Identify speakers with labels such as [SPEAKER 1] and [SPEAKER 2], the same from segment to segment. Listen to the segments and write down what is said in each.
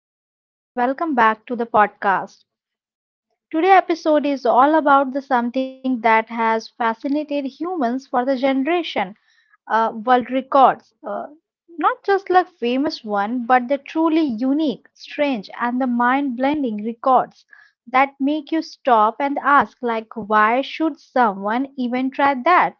[SPEAKER 1] everyone and welcome back to the podcast. Today episode is all about the something that has fascinated humans for the generation, world records. Not just like famous one, but the truly unique, strange and the mind-blending records that make you stop and ask like why should someone even try that?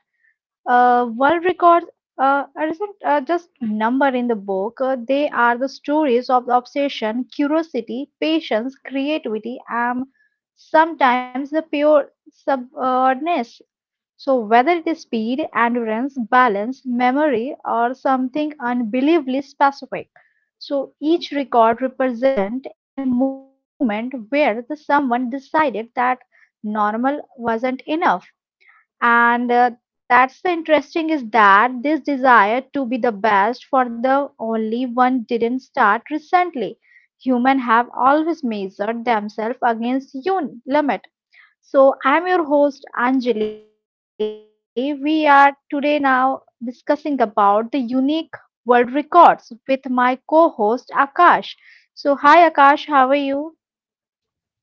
[SPEAKER 1] World records are isn't just number in the book. They are the stories of the obsession, curiosity, patience, creativity, and sometimes the pure subness. So whether it is speed, endurance, balance, memory, or something unbelievably specific. So each record represent a moment where the someone decided that normal wasn't enough and that's the interesting is that this desire to be the best for the only one didn't start recently, humans have always measured themselves against un limit. So I'm your host Anjali. We are today now discussing about the unique world records with my co-host Akash. So hi Akash, how are you?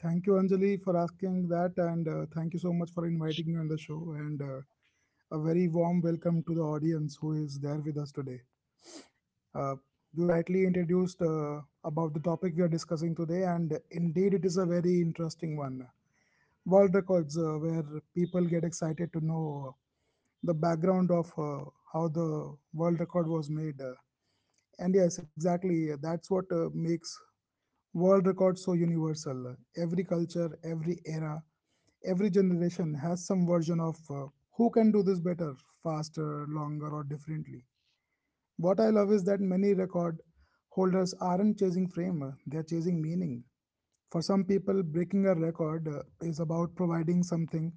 [SPEAKER 2] Thank you, Anjali, for asking that, and thank you so much for inviting me on the show. And A very warm welcome to the audience who is there with us today. Uh, you rightly introduced about the topic we are discussing today, and indeed, it is a very interesting one. World records, where people get excited to know the background of how the world record was made. And yes, exactly, that's what makes world records so universal. Every culture, every era, every generation has some version of who can do this better, faster, longer, or differently. What I love is that many record holders aren't chasing fame, they're chasing meaning. For some people, breaking a record is about providing something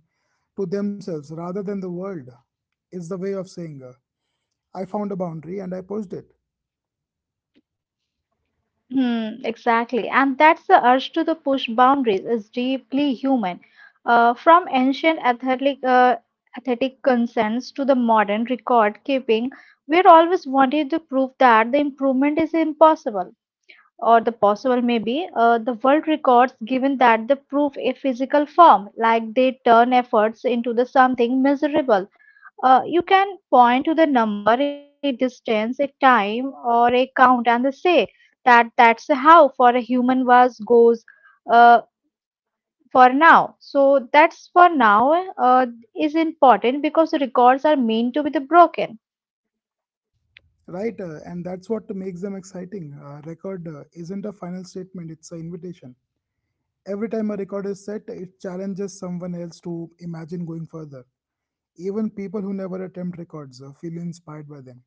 [SPEAKER 2] to themselves rather than the world. It's the way of saying, I found a boundary and I pushed it.
[SPEAKER 1] Hmm, exactly. And that's the urge to the push boundaries is deeply human. From athletic concerns to the modern record keeping, we're always wanting to prove that the improvement is impossible, or the possible maybe, the world records given that the proof a physical form, like they turn efforts into the something miserable. You can point to the number, a distance, a time, or a count, and say that that's how for a human was goes uh, for now. So that's for now is important because records are meant to be the broken.
[SPEAKER 2] Right, and that's what makes them exciting. A record isn't a final statement, it's an invitation. Every time a record is set, it challenges someone else to imagine going further. Even people who never attempt records feel inspired by them.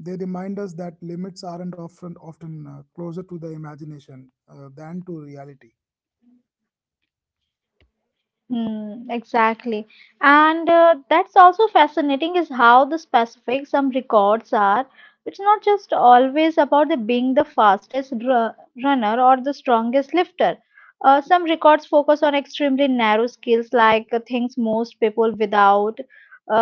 [SPEAKER 2] They remind us that limits aren't often closer to the imagination than to reality.
[SPEAKER 1] Hmm, exactly. And that's also fascinating is how the specific some records are. It's not just always about the being the runner or the strongest lifter. Some records focus on extremely narrow skills like things most people without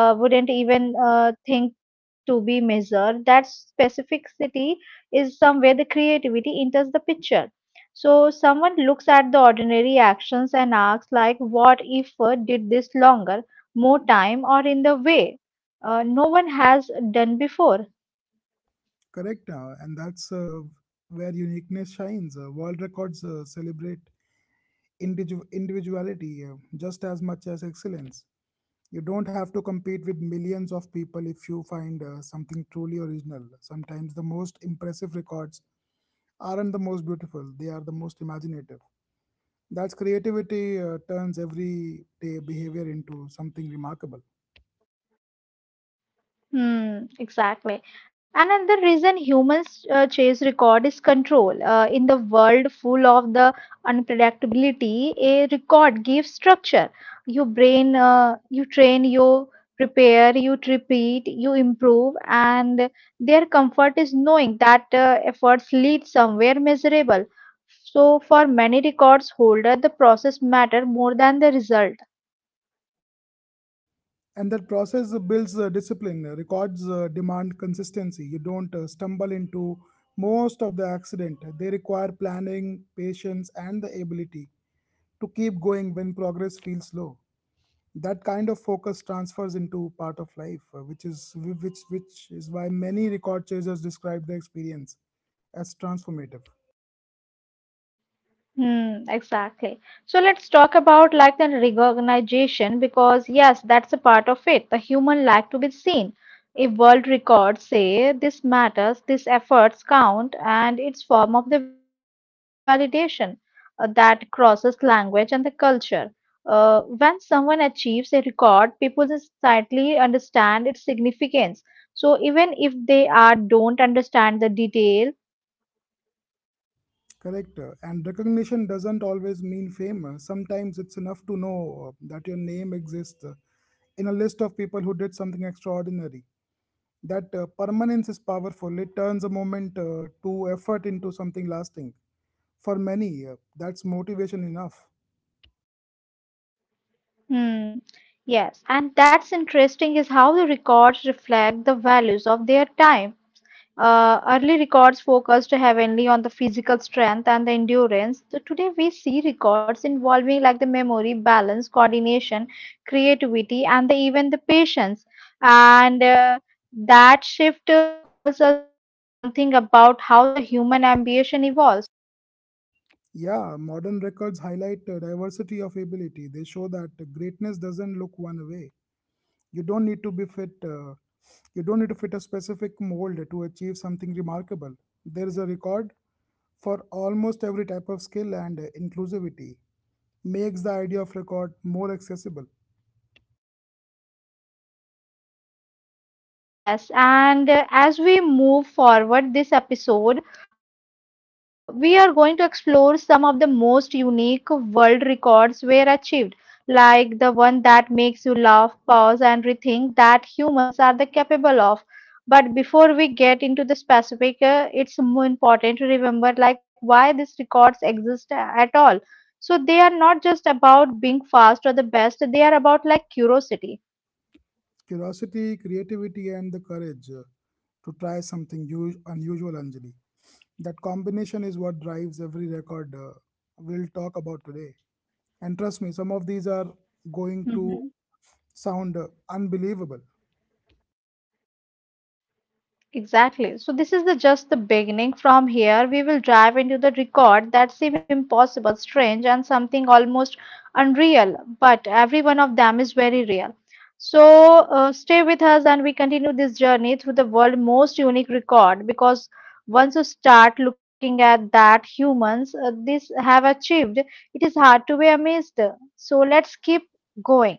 [SPEAKER 1] wouldn't even think to be measured. That specificity is somewhere the creativity enters the picture. So someone looks at the ordinary actions and asks, like, what if did this longer, more time, or in the way no one has done before?
[SPEAKER 2] Correct, and that's where uniqueness shines. World records celebrate individuality just as much as excellence. You don't have to compete with millions of people if you find something truly original. Sometimes the most impressive records aren't the most beautiful, they are the most imaginative. That's creativity turns everyday behavior into something remarkable.
[SPEAKER 1] Hmm, exactly. And another reason humans chase record is control. In the world full of the unpredictability, a record gives structure. Your brain, you train, you prepare, you repeat, you improve, and their comfort is knowing that efforts lead somewhere measurable. So, for many records holder, the process matter more than the result.
[SPEAKER 2] And that process builds discipline. Records demand consistency. You don't stumble into most of the accident. They require planning, patience, and the ability to keep going when progress feels slow. That kind of focus transfers into part of life which is which is why many record chasers describe the experience as transformative.
[SPEAKER 1] Hmm, exactly. So let's talk about like the recognition because yes, that's a part of it. The human like to be seen. If world records say this matters, these efforts count, and it's form of the validation that crosses language and the culture. When someone achieves a record, people slightly understand its significance. So even if they are don't understand the detail.
[SPEAKER 2] Correct, and recognition doesn't always mean fame. Sometimes it's enough to know that your name exists in a list of people who did something extraordinary. That permanence is powerful. It turns a moment to effort into something lasting. For many, that's motivation enough.
[SPEAKER 1] Hmm. Yes, and that's interesting is how the records reflect the values of their time. Early records focused heavily on the physical strength and the endurance. So today we see records involving like the memory, balance, coordination, creativity, and the, even the patience. And that shift tells us something about how the human ambition evolves.
[SPEAKER 2] Yeah, modern records highlight diversity of ability. They show that greatness doesn't look one way. You don't need to be fit. You don't need to fit a specific mold to achieve something remarkable. There is a record for almost every type of skill, and inclusivity makes the idea of record more accessible.
[SPEAKER 1] Yes, and as we move forward this episode, we are going to explore some of the most unique world records were achieved, like the one that makes you laugh, pause, and rethink that humans are the capable of. But before we get into the specific, it's more important to remember like why these records exist at all. So they are not just about being fast or the best; they are about like curiosity.
[SPEAKER 2] Curiosity, creativity, and the courage to try something unusual, Anjali. That combination is what drives every record we'll talk about today. And trust me, some of these are going to sound unbelievable.
[SPEAKER 1] Exactly. So this is the just the beginning. From here, we will dive into the record that seem impossible, strange, and something almost unreal. But every one of them is very real. So stay with us, and we continue this journey through the world's most unique record. Because once you start looking at that humans this have achieved, it is hard to be amazed. So let's keep going.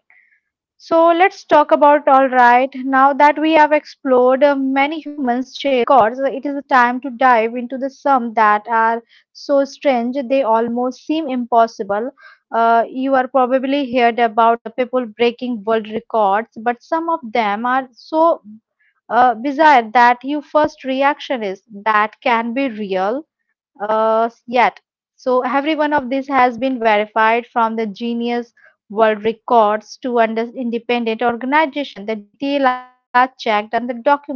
[SPEAKER 1] So let's talk about, all right. Now that we have explored many humans' chase records, it is time to dive into the some that are so strange they almost seem impossible. You are probably heard about the people breaking world records, but some of them are so bizarre that your first reaction is that can be real yet. So every one of these has been verified from the Genius World Records to under independent organization. The detail are checked and the documented.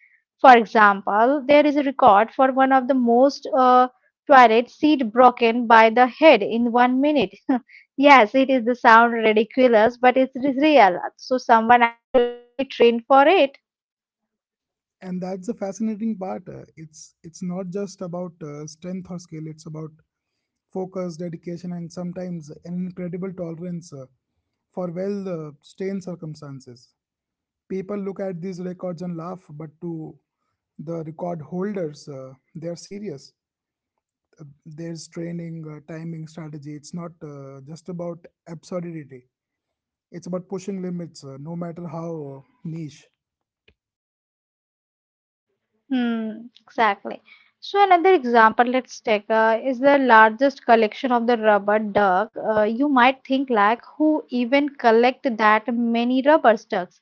[SPEAKER 1] For example, there is a record for one of the most toilet seat broken by the head in one minute. Yes, it is the sound ridiculous, but it is real. So someone actually trained for it.
[SPEAKER 2] And that's the fascinating part. It's not just about strength or skill. It's about focus, dedication, and sometimes an incredible tolerance for, well, strained circumstances. People look at these records and laugh, but to the record holders, they are serious. There's training, timing, strategy. It's not just about absurdity. It's about pushing limits, no matter how niche.
[SPEAKER 1] Hmm, exactly. So another example, let's take is the largest collection of the rubber duck. You might think like who even collect that many rubber ducks?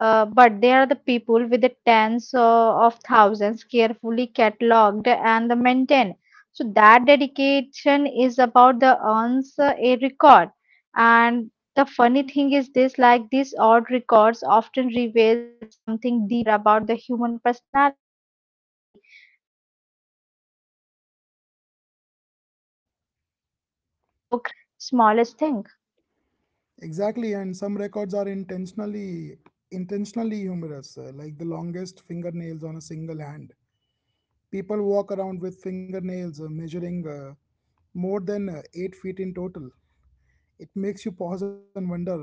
[SPEAKER 1] But they are the people with the tens of thousands carefully cataloged and the maintained. So that dedication is about the earns a record. And the funny thing is this like these odd records often reveal something deeper about the human personality. They show creativity, obsession, and the ability to find passion in the smallest things.
[SPEAKER 2] Exactly, and some records are intentionally humorous, like the longest fingernails on a single hand. People walk around with fingernails measuring more than 8 feet in total. It makes you pause and wonder, uh,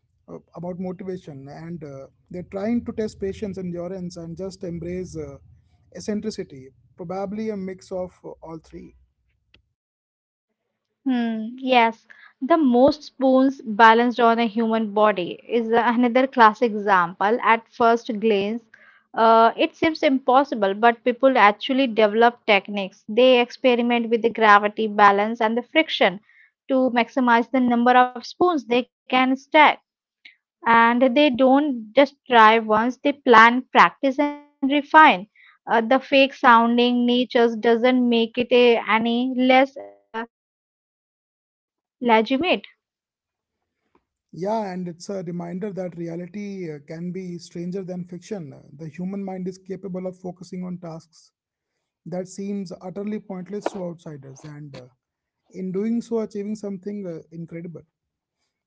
[SPEAKER 2] uh, about motivation, and they're trying to test patience, endurance, and just embrace eccentricity. Probably a mix of all three.
[SPEAKER 1] Hmm, yes, the most spoons balanced on a human body is another classic example. At first glance, it seems impossible, but people actually develop techniques. They experiment with the gravity, balance, and the friction to maximize the number of spoons they can stack. And they don't just try once, they plan, practice, and refine. The fake sounding natures doesn't make it any less legitimate.
[SPEAKER 2] Yeah, and it's a reminder that reality can be stranger than fiction. The human mind is capable of focusing on tasks that seems utterly pointless to outsiders, and in doing so, achieving something incredible.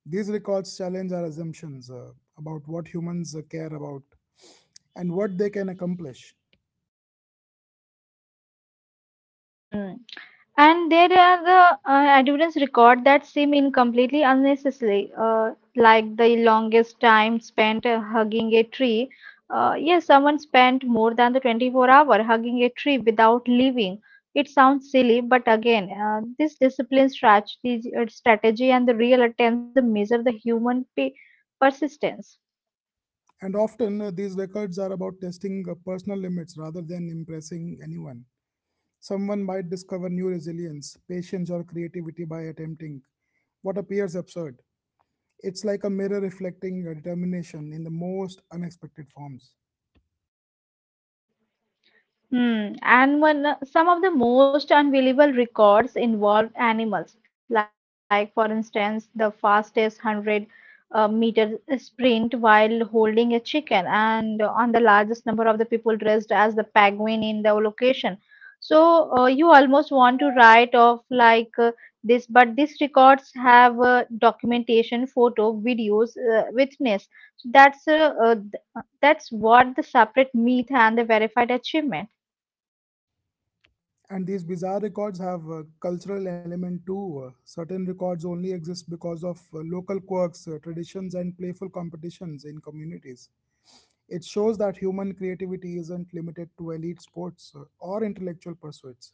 [SPEAKER 2] These records challenge our assumptions about what humans care about and what they can accomplish.
[SPEAKER 1] Hmm. And there are the evidence record that seem incompletely unnecessary, like the longest time spent hugging a tree. Yes, someone spent more than the 24-hour hugging a tree without leaving. It sounds silly, but again, this discipline strategy, and the real attempts to the measure the human persistence.
[SPEAKER 2] And often, these records are about testing personal limits rather than impressing anyone. Someone might discover new resilience, patience, or creativity by attempting what appears absurd. It's like a mirror reflecting your determination in the most unexpected forms.
[SPEAKER 1] Hmm. And when some of the most unbelievable records involved animals, like for instance, the fastest 100 meter sprint while holding a chicken, and on the largest number of the people dressed as the penguin in the location. So you almost want to write off like this, but these records have documentation, photo, videos, witness. So that's that's what the separate myth and the verified achievement.
[SPEAKER 2] And these bizarre records have a cultural element too. Certain records only exist because of local quirks, traditions, and playful competitions in communities. It shows that human creativity isn't limited to elite sports or intellectual pursuits.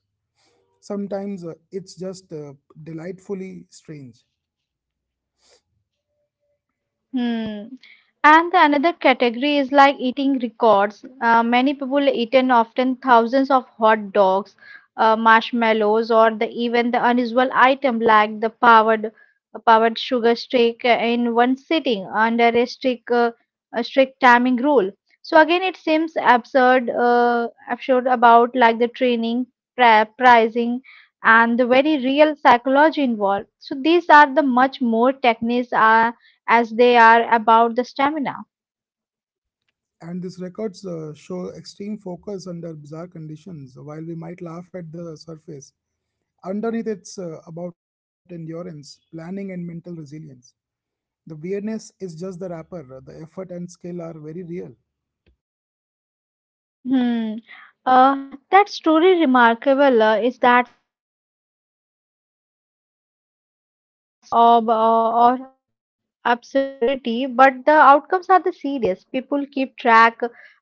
[SPEAKER 2] Sometimes it's just delightfully strange.
[SPEAKER 1] Hmm. And the another category is like eating records. Many people eaten often thousands of hot dogs, marshmallows, or the even the unusual item like the powered sugar stick in one sitting under a strict timing rule. So again, it seems absurd about like the training, pricing, and the very real psychology involved. So these are the much more techniques, as they are about the stamina.
[SPEAKER 2] And these records show extreme focus under bizarre conditions. While we might laugh at the surface, underneath it's about endurance, planning, and mental resilience. The weirdness is just the wrapper, the effort and skill are very real.
[SPEAKER 1] Hmm. That's truly remarkable is that some of the records are designed around the humor or absurdity, but the outcomes are the serious. People keep track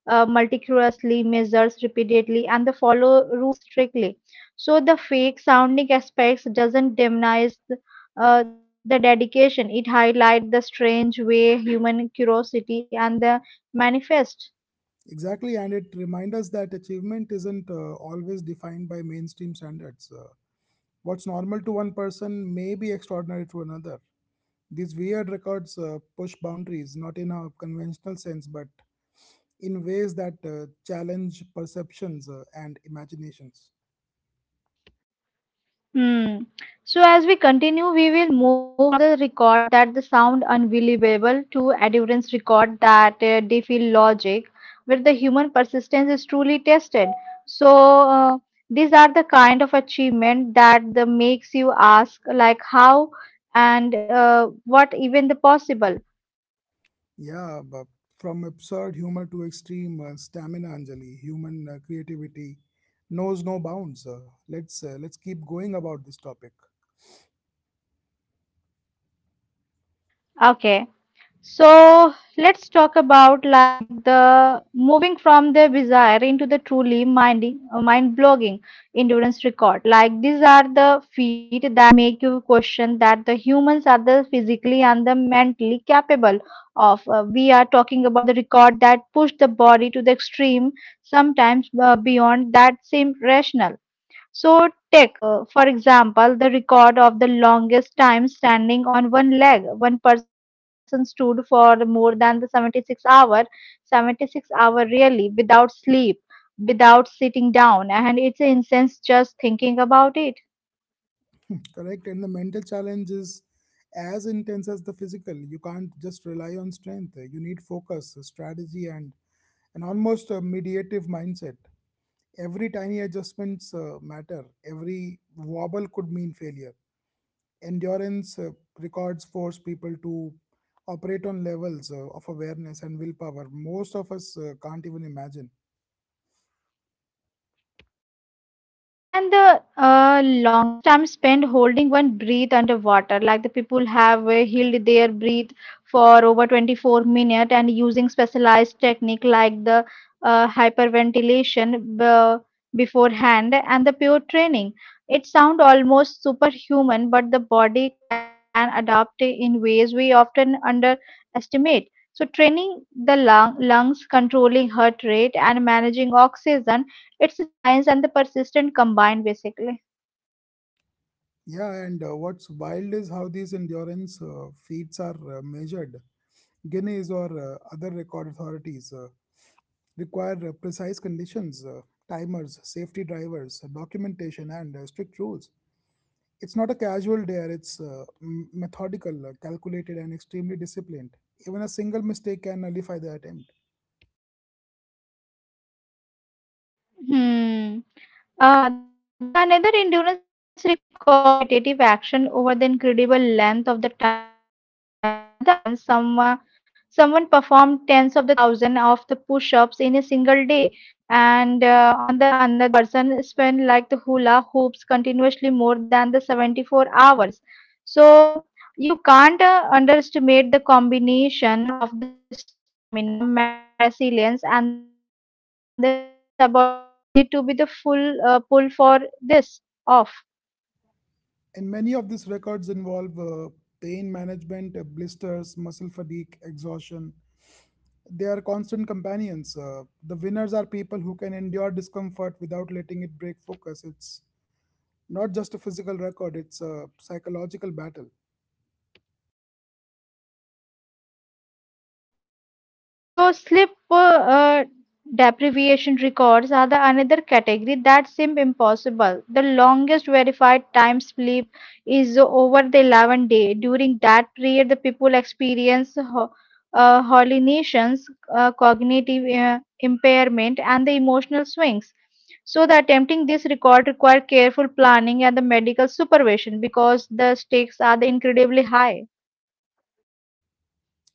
[SPEAKER 1] meticulously, measures repeatedly, and they follow rules strictly. So the fake sounding aspects doesn't demonize the dedication. It highlights the strange way human curiosity and the manifest.
[SPEAKER 2] Exactly, and it reminds us that achievement isn't always defined by mainstream standards. What's normal to one person may be extraordinary to another. These weird records push boundaries, not in a conventional sense, but in ways that challenge perceptions and imaginations.
[SPEAKER 1] Hmm. So as we continue, we will move from the record that the sound unbelievable to endurance record that defy logic, where the human persistence is truly tested. So these are the kind of achievement that the makes you ask like how and what even the possible.
[SPEAKER 2] Yeah, but from absurd humor to extreme stamina, Anjali, human creativity knows no bounds. Let's keep going about this topic.
[SPEAKER 1] Okay. So let's talk about like the moving from the desire into the truly mind blogging endurance record. Like these are the feet that make you question that the humans are the physically and the mentally capable of. We are talking about the record that push the body to the extreme, sometimes beyond that seem rational. So, take, for example, the record of the longest time standing on one leg. One person stood for more than the 76 hour, 76-hour really, without sleep, without sitting down, and it's incense just thinking about it.
[SPEAKER 2] Correct, and the mental challenge is as intense as the physical. You can't just rely on strength. You need focus, strategy, and an almost a mediative mindset. Every tiny adjustments matter. Every wobble could mean failure. Endurance records force people to operate on levels of awareness and willpower most of us can't even imagine.
[SPEAKER 1] Hmm. And then the longest time spent holding one breath underwater, like the people have held their breath for over 24 minutes and using specialized technique like the hyperventilation beforehand and the pure training. It sounds almost superhuman, but the body can adapt in ways we often underestimate. So training the lungs, controlling heart rate and managing oxygen, it's the science and the persistent combined, basically.
[SPEAKER 2] Yeah, and what's wild is how these endurance feats are measured. Guinness or other record authorities require precise conditions, timers, safety drivers, documentation, and strict rules. It's not a casual dare, it's methodical, calculated, and extremely disciplined. Even a single mistake can nullify the attempt.
[SPEAKER 1] Hmm. The another endurance record focus on the repetitive action over the incredible length of the time. For instance, someone performed tens of the thousand of the push-ups in a single day, and on the another person spent like the hula hoops continuously more than the 74 hours. So you can't underestimate the combination of the stamina, mental resilience, and the sheer subordinates needed to be the full pull for this off.
[SPEAKER 2] And many of these records involve pain management, blisters, muscle fatigue, exhaustion. They are constant companions. The winners are people who can endure discomfort without letting it break focus. It's not just a physical record, it's a psychological battle.
[SPEAKER 1] Yes. So sleep deprivation records are the another category that seem impossible. The longest verified time sleep is over the 11 day. During that period, the people experience hallucinations, cognitive impairment, and the emotional swings. So the attempting this record require careful planning and the medical supervision because the stakes are the incredibly high.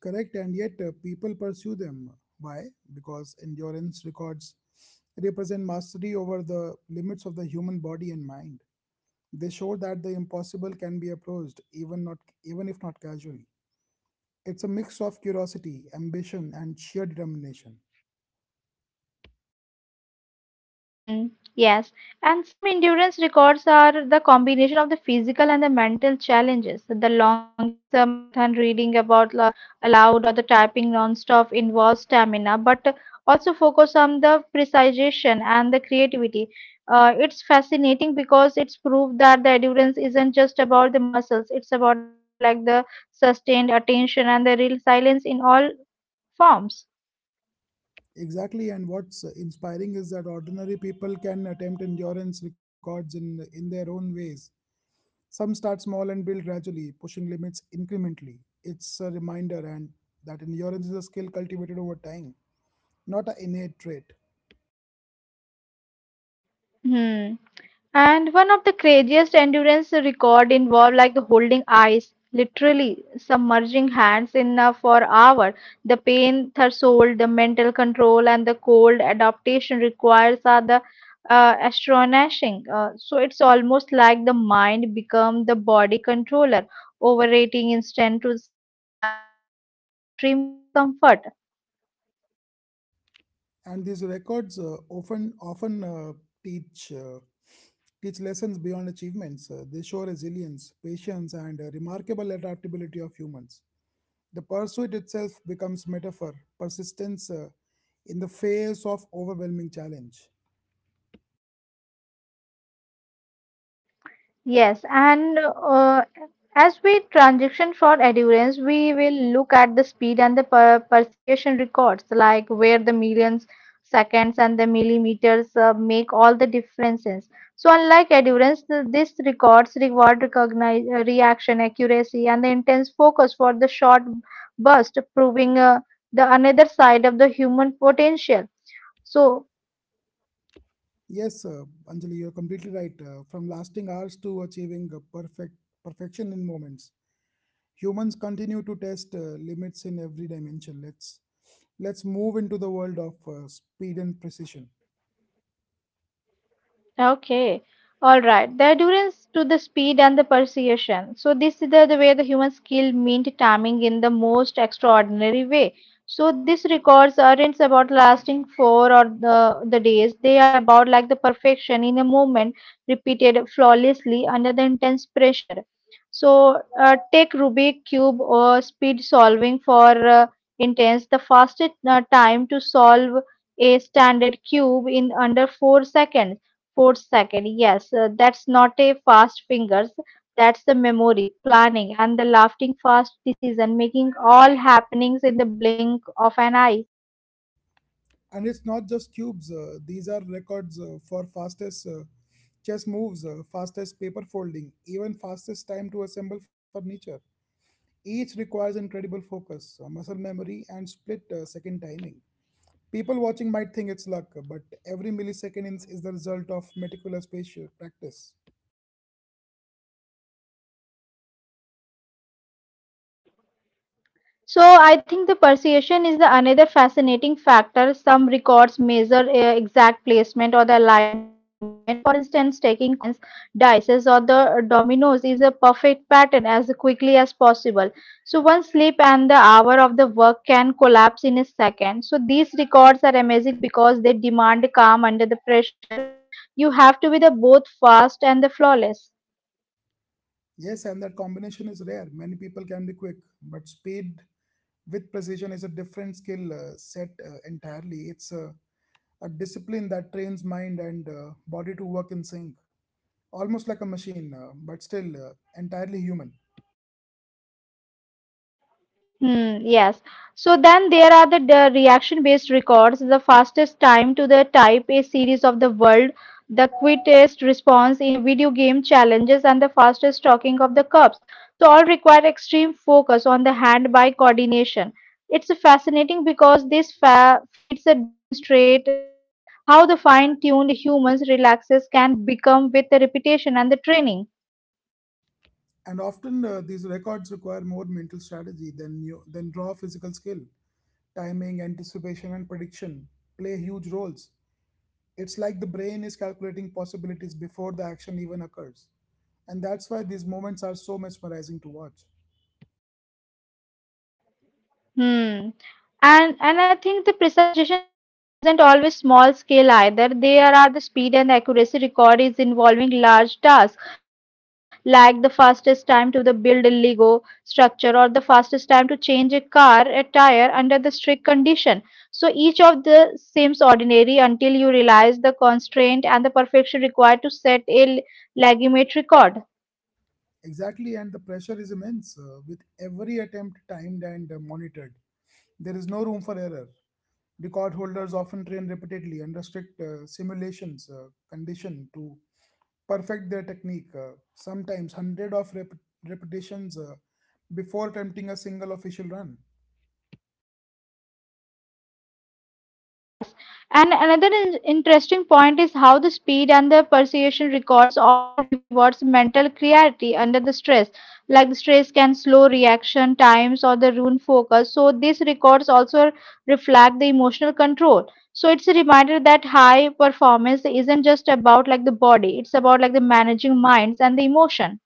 [SPEAKER 2] Correct, and yet people pursue them. Why? Because endurance records represent mastery over the limits of the human body and mind. They show that the impossible can be approached, even if not casually. It's a mix of curiosity, ambition, and sheer determination.
[SPEAKER 1] Hmm, yes. And some endurance records are the combination of the physical and the mental challenges. The longest marathon reading about aloud or the typing non-stop involves stamina, but also focus on the precision and the creativity. It's fascinating because it's proved that the endurance isn't just about the muscles. It's about like the sustained attention and the real silence in all forms.
[SPEAKER 2] Exactly, and what's inspiring is that ordinary people can attempt endurance records in their own ways. Some start small and build gradually, pushing limits incrementally. It's a reminder and that endurance is a skill cultivated over time, not an innate trait.
[SPEAKER 1] Hmm. And one of the craziest endurance record involved like the holding ice, literally submerging hands in for hour. The pain threshold, the mental control, and the cold adaptation requires are the astonishing. So it's almost like the mind become the body controller, overrating instinct to survive the extreme discomfort.
[SPEAKER 2] And these records often teach uh, teach lessons beyond achievements. They show resilience, patience, and remarkable adaptability of humans. The pursuit itself becomes metaphor, persistence in the face of overwhelming challenge.
[SPEAKER 1] Yes, and as we transition for endurance, we will look at the speed and the per precision records, like where the millions, seconds, and the millimeters make all the differences. So, unlike endurance, this records reward recognize reaction accuracy and the intense focus for the short burst, proving the another side of the human potential. So.
[SPEAKER 2] Yes, Anjali, you're completely right. From lasting hours to achieving perfection in moments, humans continue to test limits in every dimension. Let's move into the world of speed and precision.
[SPEAKER 1] Okay. All right. The endurance to the speed and the precision. So this is the way the human skill meant timing in the most extraordinary way. So these records aren't about lasting four or the days. They are about like the perfection in a moment repeated flawlessly under the intense pressure. So take Rubik cube or speed solving for intense. The fastest time to solve a standard cube in under 4 seconds. Fourth second, yes, that's not a fast fingers. That's the memory, planning, and the laughing fast decision making all happenings in the blink of an eye.
[SPEAKER 2] And it's not just cubes; these are records for fastest chess moves, fastest paper folding, even fastest time to assemble furniture. Each requires incredible focus, muscle memory, and split second timing. People watching might think it's luck, but every millisecond is the result of meticulous spatial practice.
[SPEAKER 1] Okay. So I think the persuasion is the another fascinating factor. Some records measure exact placement or the alignment. For instance, taking coins, dices, or the dominoes is the perfect pattern as quickly as possible. So one slip and the hour of the work can collapse in a second. So these records are amazing because they demand calm under the pressure. You have to be the both fast and the flawless.
[SPEAKER 2] Yes, and that combination is rare. Many people can be quick, but speed with precision is a different skill set entirely. It's a discipline that trains mind and body to work in sync, almost like a machine, but still entirely human.
[SPEAKER 1] Hmm, yes. So then there are the reaction-based records. The fastest time to the Type A series of the world, the quickest response in a video game challenges, and the fastest talking of the cups. So all require extreme focus on the hand-eye coordination. It's fascinating because this fa feeds that demonstrate how the fine-tuned humans relaxes can become with the repetition and the training.
[SPEAKER 2] And often these records require more mental strategy than raw physical skill. Timing, anticipation, and prediction play huge roles. It's like the brain is calculating possibilities before the action even occurs. And that's why these moments are so mesmerizing to watch.
[SPEAKER 1] Hmm. And I think the precision isn't always small scale either. There are the speed and accuracy record is involving large tasks like the fastest time to the build a Lego structure or the fastest time to change a car a tire under the strict condition. So each of the seems ordinary until you realize the constraint and the perfection required to set a legitimate record.
[SPEAKER 2] Exactly, and the pressure is immense, with every attempt timed and monitored. There is no room for error. Record holders often train repeatedly under strict simulations condition to perfect their technique, sometimes hundred of repetitions before attempting a single official run.
[SPEAKER 1] Yes, and another interesting point is how the speed and the persuasion records often rewards mental clarity under the stress. Like the stress can slow reaction times or the ruin focus. So these records also reflect the emotional control. So it's a reminder that high performance isn't just about like the body; it's about like the managing minds and the emotion.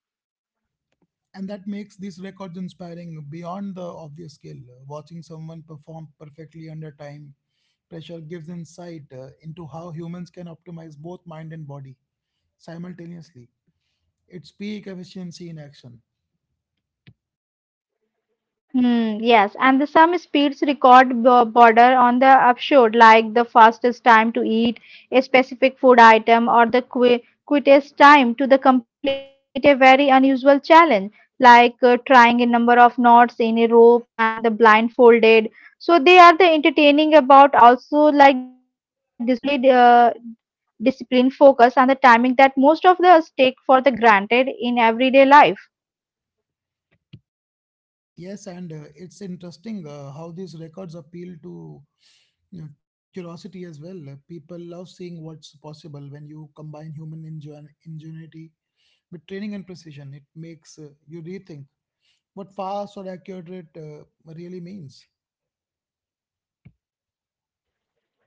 [SPEAKER 2] And that makes these records inspiring beyond the obvious skill. Watching someone perform perfectly under time pressure gives insight into how humans can optimize both mind and body simultaneously. It's peak efficiency in action.
[SPEAKER 1] Hmm, yes, and the some speeds record border on the absurd, like the fastest time to eat a specific food item or the qui quickest time to the complete a very unusual challenge, like trying a number of knots in a rope and the blindfolded. So they are the entertaining about also like displayed discipline, focus, and the timing that most of us take for the granted in everyday life.
[SPEAKER 2] Yes, and it's interesting how these records appeal to, you know, curiosity as well. People love seeing what's possible when you combine human ingenuity with training and precision. It makes you rethink what fast or accurate really means.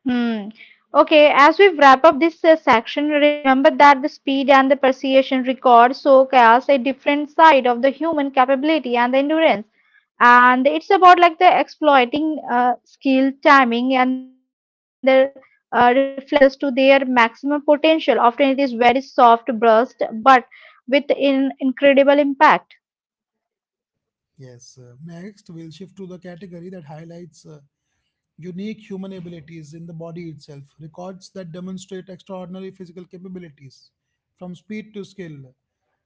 [SPEAKER 1] Hmm. Okay, as we wrap up this section, remember that the speed and the precision record showcase a different side of the human capability and the endurance. And it's about like the exploiting skill, timing, and the reflexes to their maximum potential. Often it is very soft burst, but with an incredible impact.
[SPEAKER 2] Yes. Next, we'll shift to the category that highlights unique human abilities in the body itself, records that demonstrate extraordinary physical capabilities from speed to skill.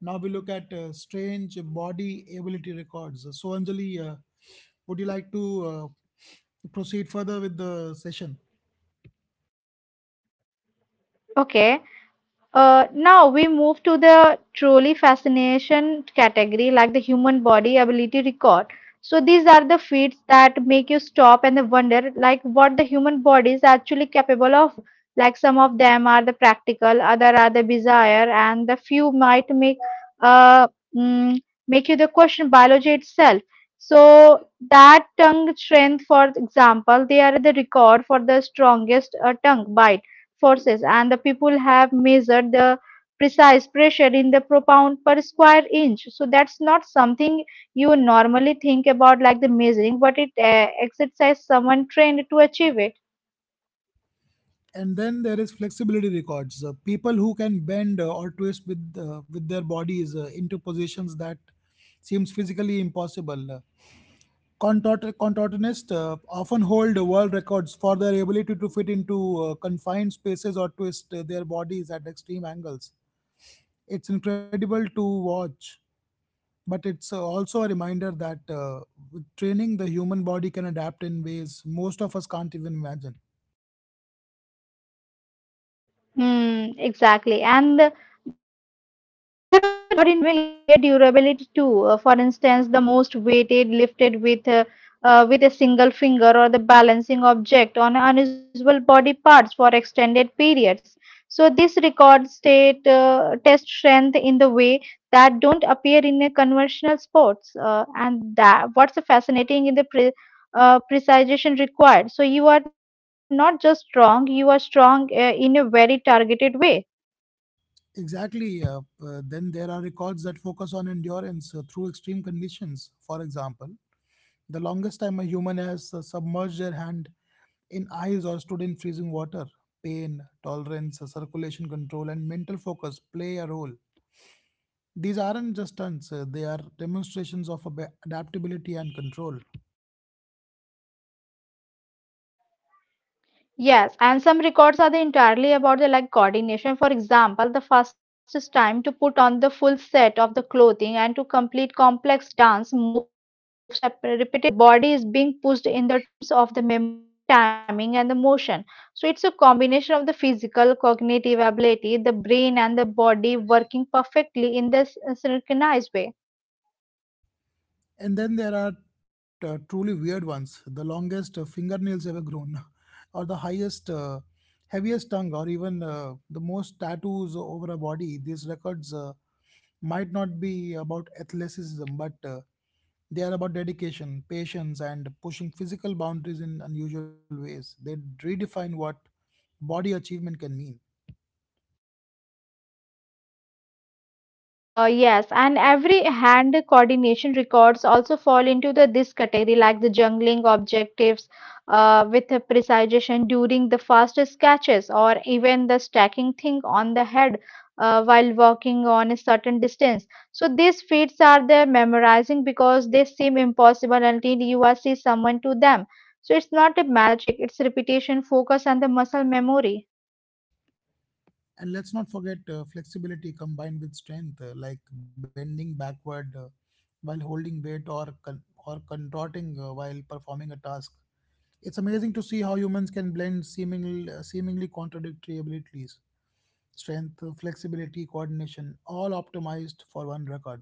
[SPEAKER 2] Now we look at strange body ability records. So, Anjali, would you like to proceed further with the session?
[SPEAKER 1] Okay. Now we move to the truly fascination category, like the human body ability record. So these are the feats that make you stop and wonder, like what the human body is actually capable of. Like some of them are the practical, other are the bizarre, and the few might make uh mm, make you the question biology itself. So that tongue strength, for example, they are the record for the strongest tongue bite forces, and the people have measured the precise pressure in the per pound per square inch. So that's not something you normally think about like the measuring, but it exercise someone trained to achieve it.
[SPEAKER 2] And then there is flexibility records, people who can bend or twist with their bodies into positions that seems physically impossible. Contortionists often hold world records for their ability to fit into confined spaces or twist their bodies at extreme angles. It's incredible to watch, but it's also a reminder that with training the human body can adapt in ways most of us can't even imagine.
[SPEAKER 1] Hmm, exactly. There are the record involving like the sheer durability too. For instance, the most weighted lifted with a single finger or the balancing object on unusual body parts for extended periods. So this record state test strength in the way that don't appear in a conventional sports. And that what's fascinating in the pre precision required. So you are not just strong, you are strong in a very targeted way.
[SPEAKER 2] Exactly. Then there are records that focus on endurance through extreme conditions. For example, the longest time a human has submerged their hand in ice or stood in freezing water. Pain, tolerance, circulation control, and mental focus play a role. These aren't just stunts, they are demonstrations of adaptability and control.
[SPEAKER 1] Yes, and some records are the entirely about the like coordination. For example, the fastest time to put on the full set of the clothing and to complete complex dance moves repeatedly. The body is being pushed in the terms of the memory, timing, and the motion. So it's a combination of the physical, cognitive ability, the brain, and the body working perfectly in this synchronized way.
[SPEAKER 2] And then there are truly weird ones: the longest fingernails ever grown, or the highest, heaviest tongue, or even the most tattoos over a body. These records might not be about athleticism, but they are about dedication, patience, and pushing physical boundaries in unusual ways. They redefine what body achievement can mean.
[SPEAKER 1] Yes, and every hand coordination records also fall into the this category, like the jungling objectives with a precision during the fastest catches, or even the stacking thing on the head while walking on a certain distance. So these feats are the memorizing because they seem impossible until you are see someone to them. So it's not a magic; it's repetition, focus, and the muscle memory.
[SPEAKER 2] And let's not forget flexibility combined with strength, like bending backward while holding weight or contorting while performing a task. It's amazing to see how humans can blend seemingly contradictory abilities: strength, flexibility, coordination, all optimized for one record.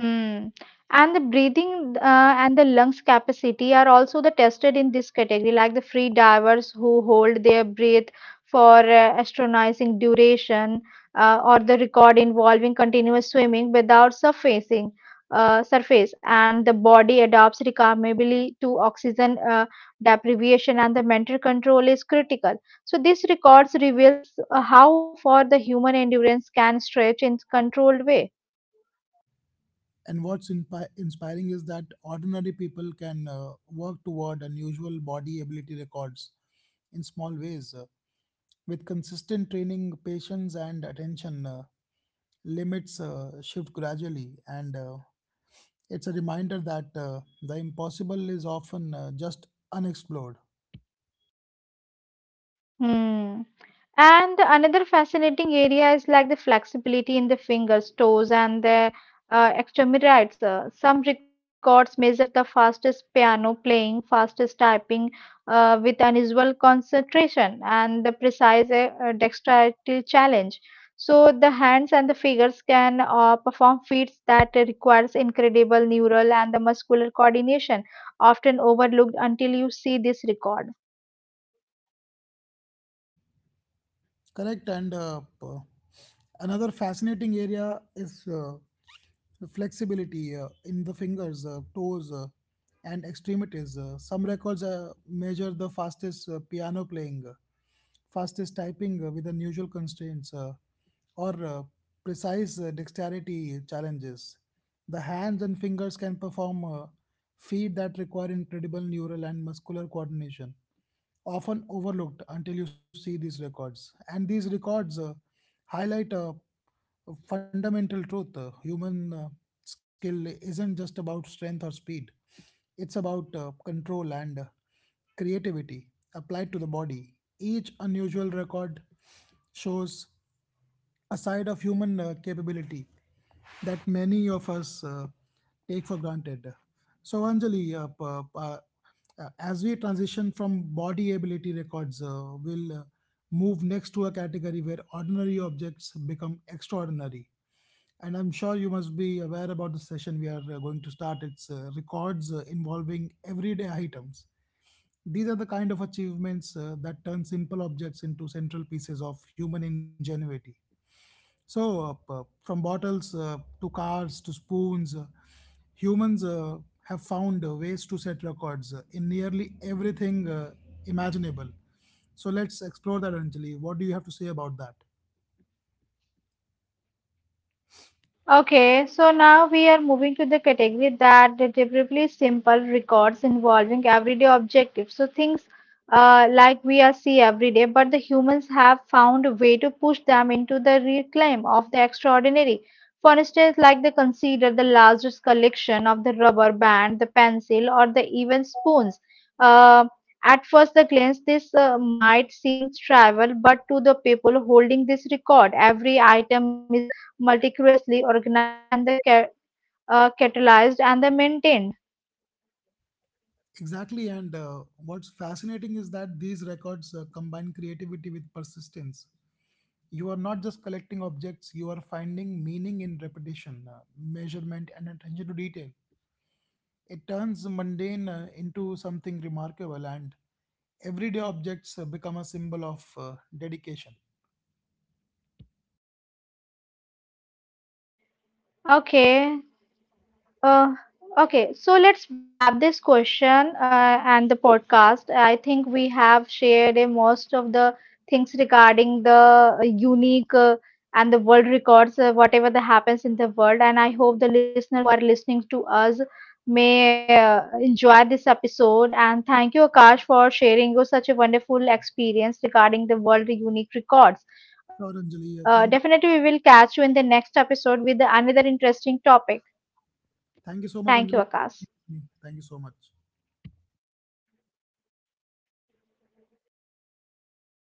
[SPEAKER 1] Hmm. And the breathing and the lungs capacity are also the tested in this category, like the free divers who hold their breath for astonishing duration, or the record involving continuous swimming without surfacing, surface, and the body adapts remarkably to oxygen deprivation, and the mental control is critical. So this records reveals how far the human endurance can stretch in controlled way.
[SPEAKER 2] And what's inspiring is that ordinary people can work toward unusual body ability records in small ways. With consistent training, patience, and attention, limits shift gradually, and it's a reminder that the impossible is often just unexplored.
[SPEAKER 1] Hmm. And another fascinating area is like the flexibility in the fingers, toes, and the extremities. Some records measure the fastest piano playing, fastest typing with unusual concentration, and the precise dexterity challenge. So the hands and the fingers can perform feats that requires incredible neural and the muscular coordination, often overlooked until you see this record.
[SPEAKER 2] Correct, and p- another fascinating area is. Flexibility in the fingers, toes, and extremities. Some records measure the fastest piano playing, fastest typing with unusual constraints, or precise dexterity challenges. The hands and fingers can perform feats that require incredible neural and muscular coordination, often overlooked until you see these records. And these records highlight a fundamental truth: human skill isn't just about strength or speed, it's about control and creativity applied to the body. Each unusual record shows a side of human capability that many of us take for granted. So, Anjali, as we transition from body ability records, we'll move next to a category where ordinary objects become extraordinary. And I'm sure you must be aware about the session we are going to start. It's records involving everyday items. These are the kind of achievements that turn simple objects into central pieces of human ingenuity. So, from bottles to cars to spoons, humans have found ways to set records in nearly everything imaginable. So, let's explore that, Anjali. What do you have to say about that?
[SPEAKER 1] Okay, so now we are moving to the category that deliberately simple records involving everyday objectives. So think like we are see every day, but the humans have found a way to push them into the reclaim of the extraordinary. For instance, like they consider the largest collection of the rubber band, the pencil, or the even spoons. Uh, at first the glance, this might seem trivial, but to the people holding this record, every item is meticulously organized and catalyzed and the maintained.
[SPEAKER 2] Exactly, and what's fascinating is that these records combine creativity with persistence. You are not just collecting objects, you are finding meaning in repetition, measurement, and attention to detail. It turns mundane into something remarkable, and everyday objects become a symbol of dedication.
[SPEAKER 1] Okay, Uh, okay, so let's wrap this question and the podcast. I think we have shared most of the things regarding the unique and the world records, whatever that happens in the world. And I hope the listeners who are listening to us may enjoy this episode. And thank you, Akash, for sharing you such a wonderful experience regarding the world unique records.
[SPEAKER 2] Sure,
[SPEAKER 1] Uh,
[SPEAKER 2] Anjali.
[SPEAKER 1] definitely, we will
[SPEAKER 2] Thank you.
[SPEAKER 1] catch you in the next episode with another interesting topic.
[SPEAKER 2] Thank you
[SPEAKER 1] Thank
[SPEAKER 2] so
[SPEAKER 1] you,
[SPEAKER 2] much, Anjali.
[SPEAKER 1] Akash.
[SPEAKER 2] Thank you so much.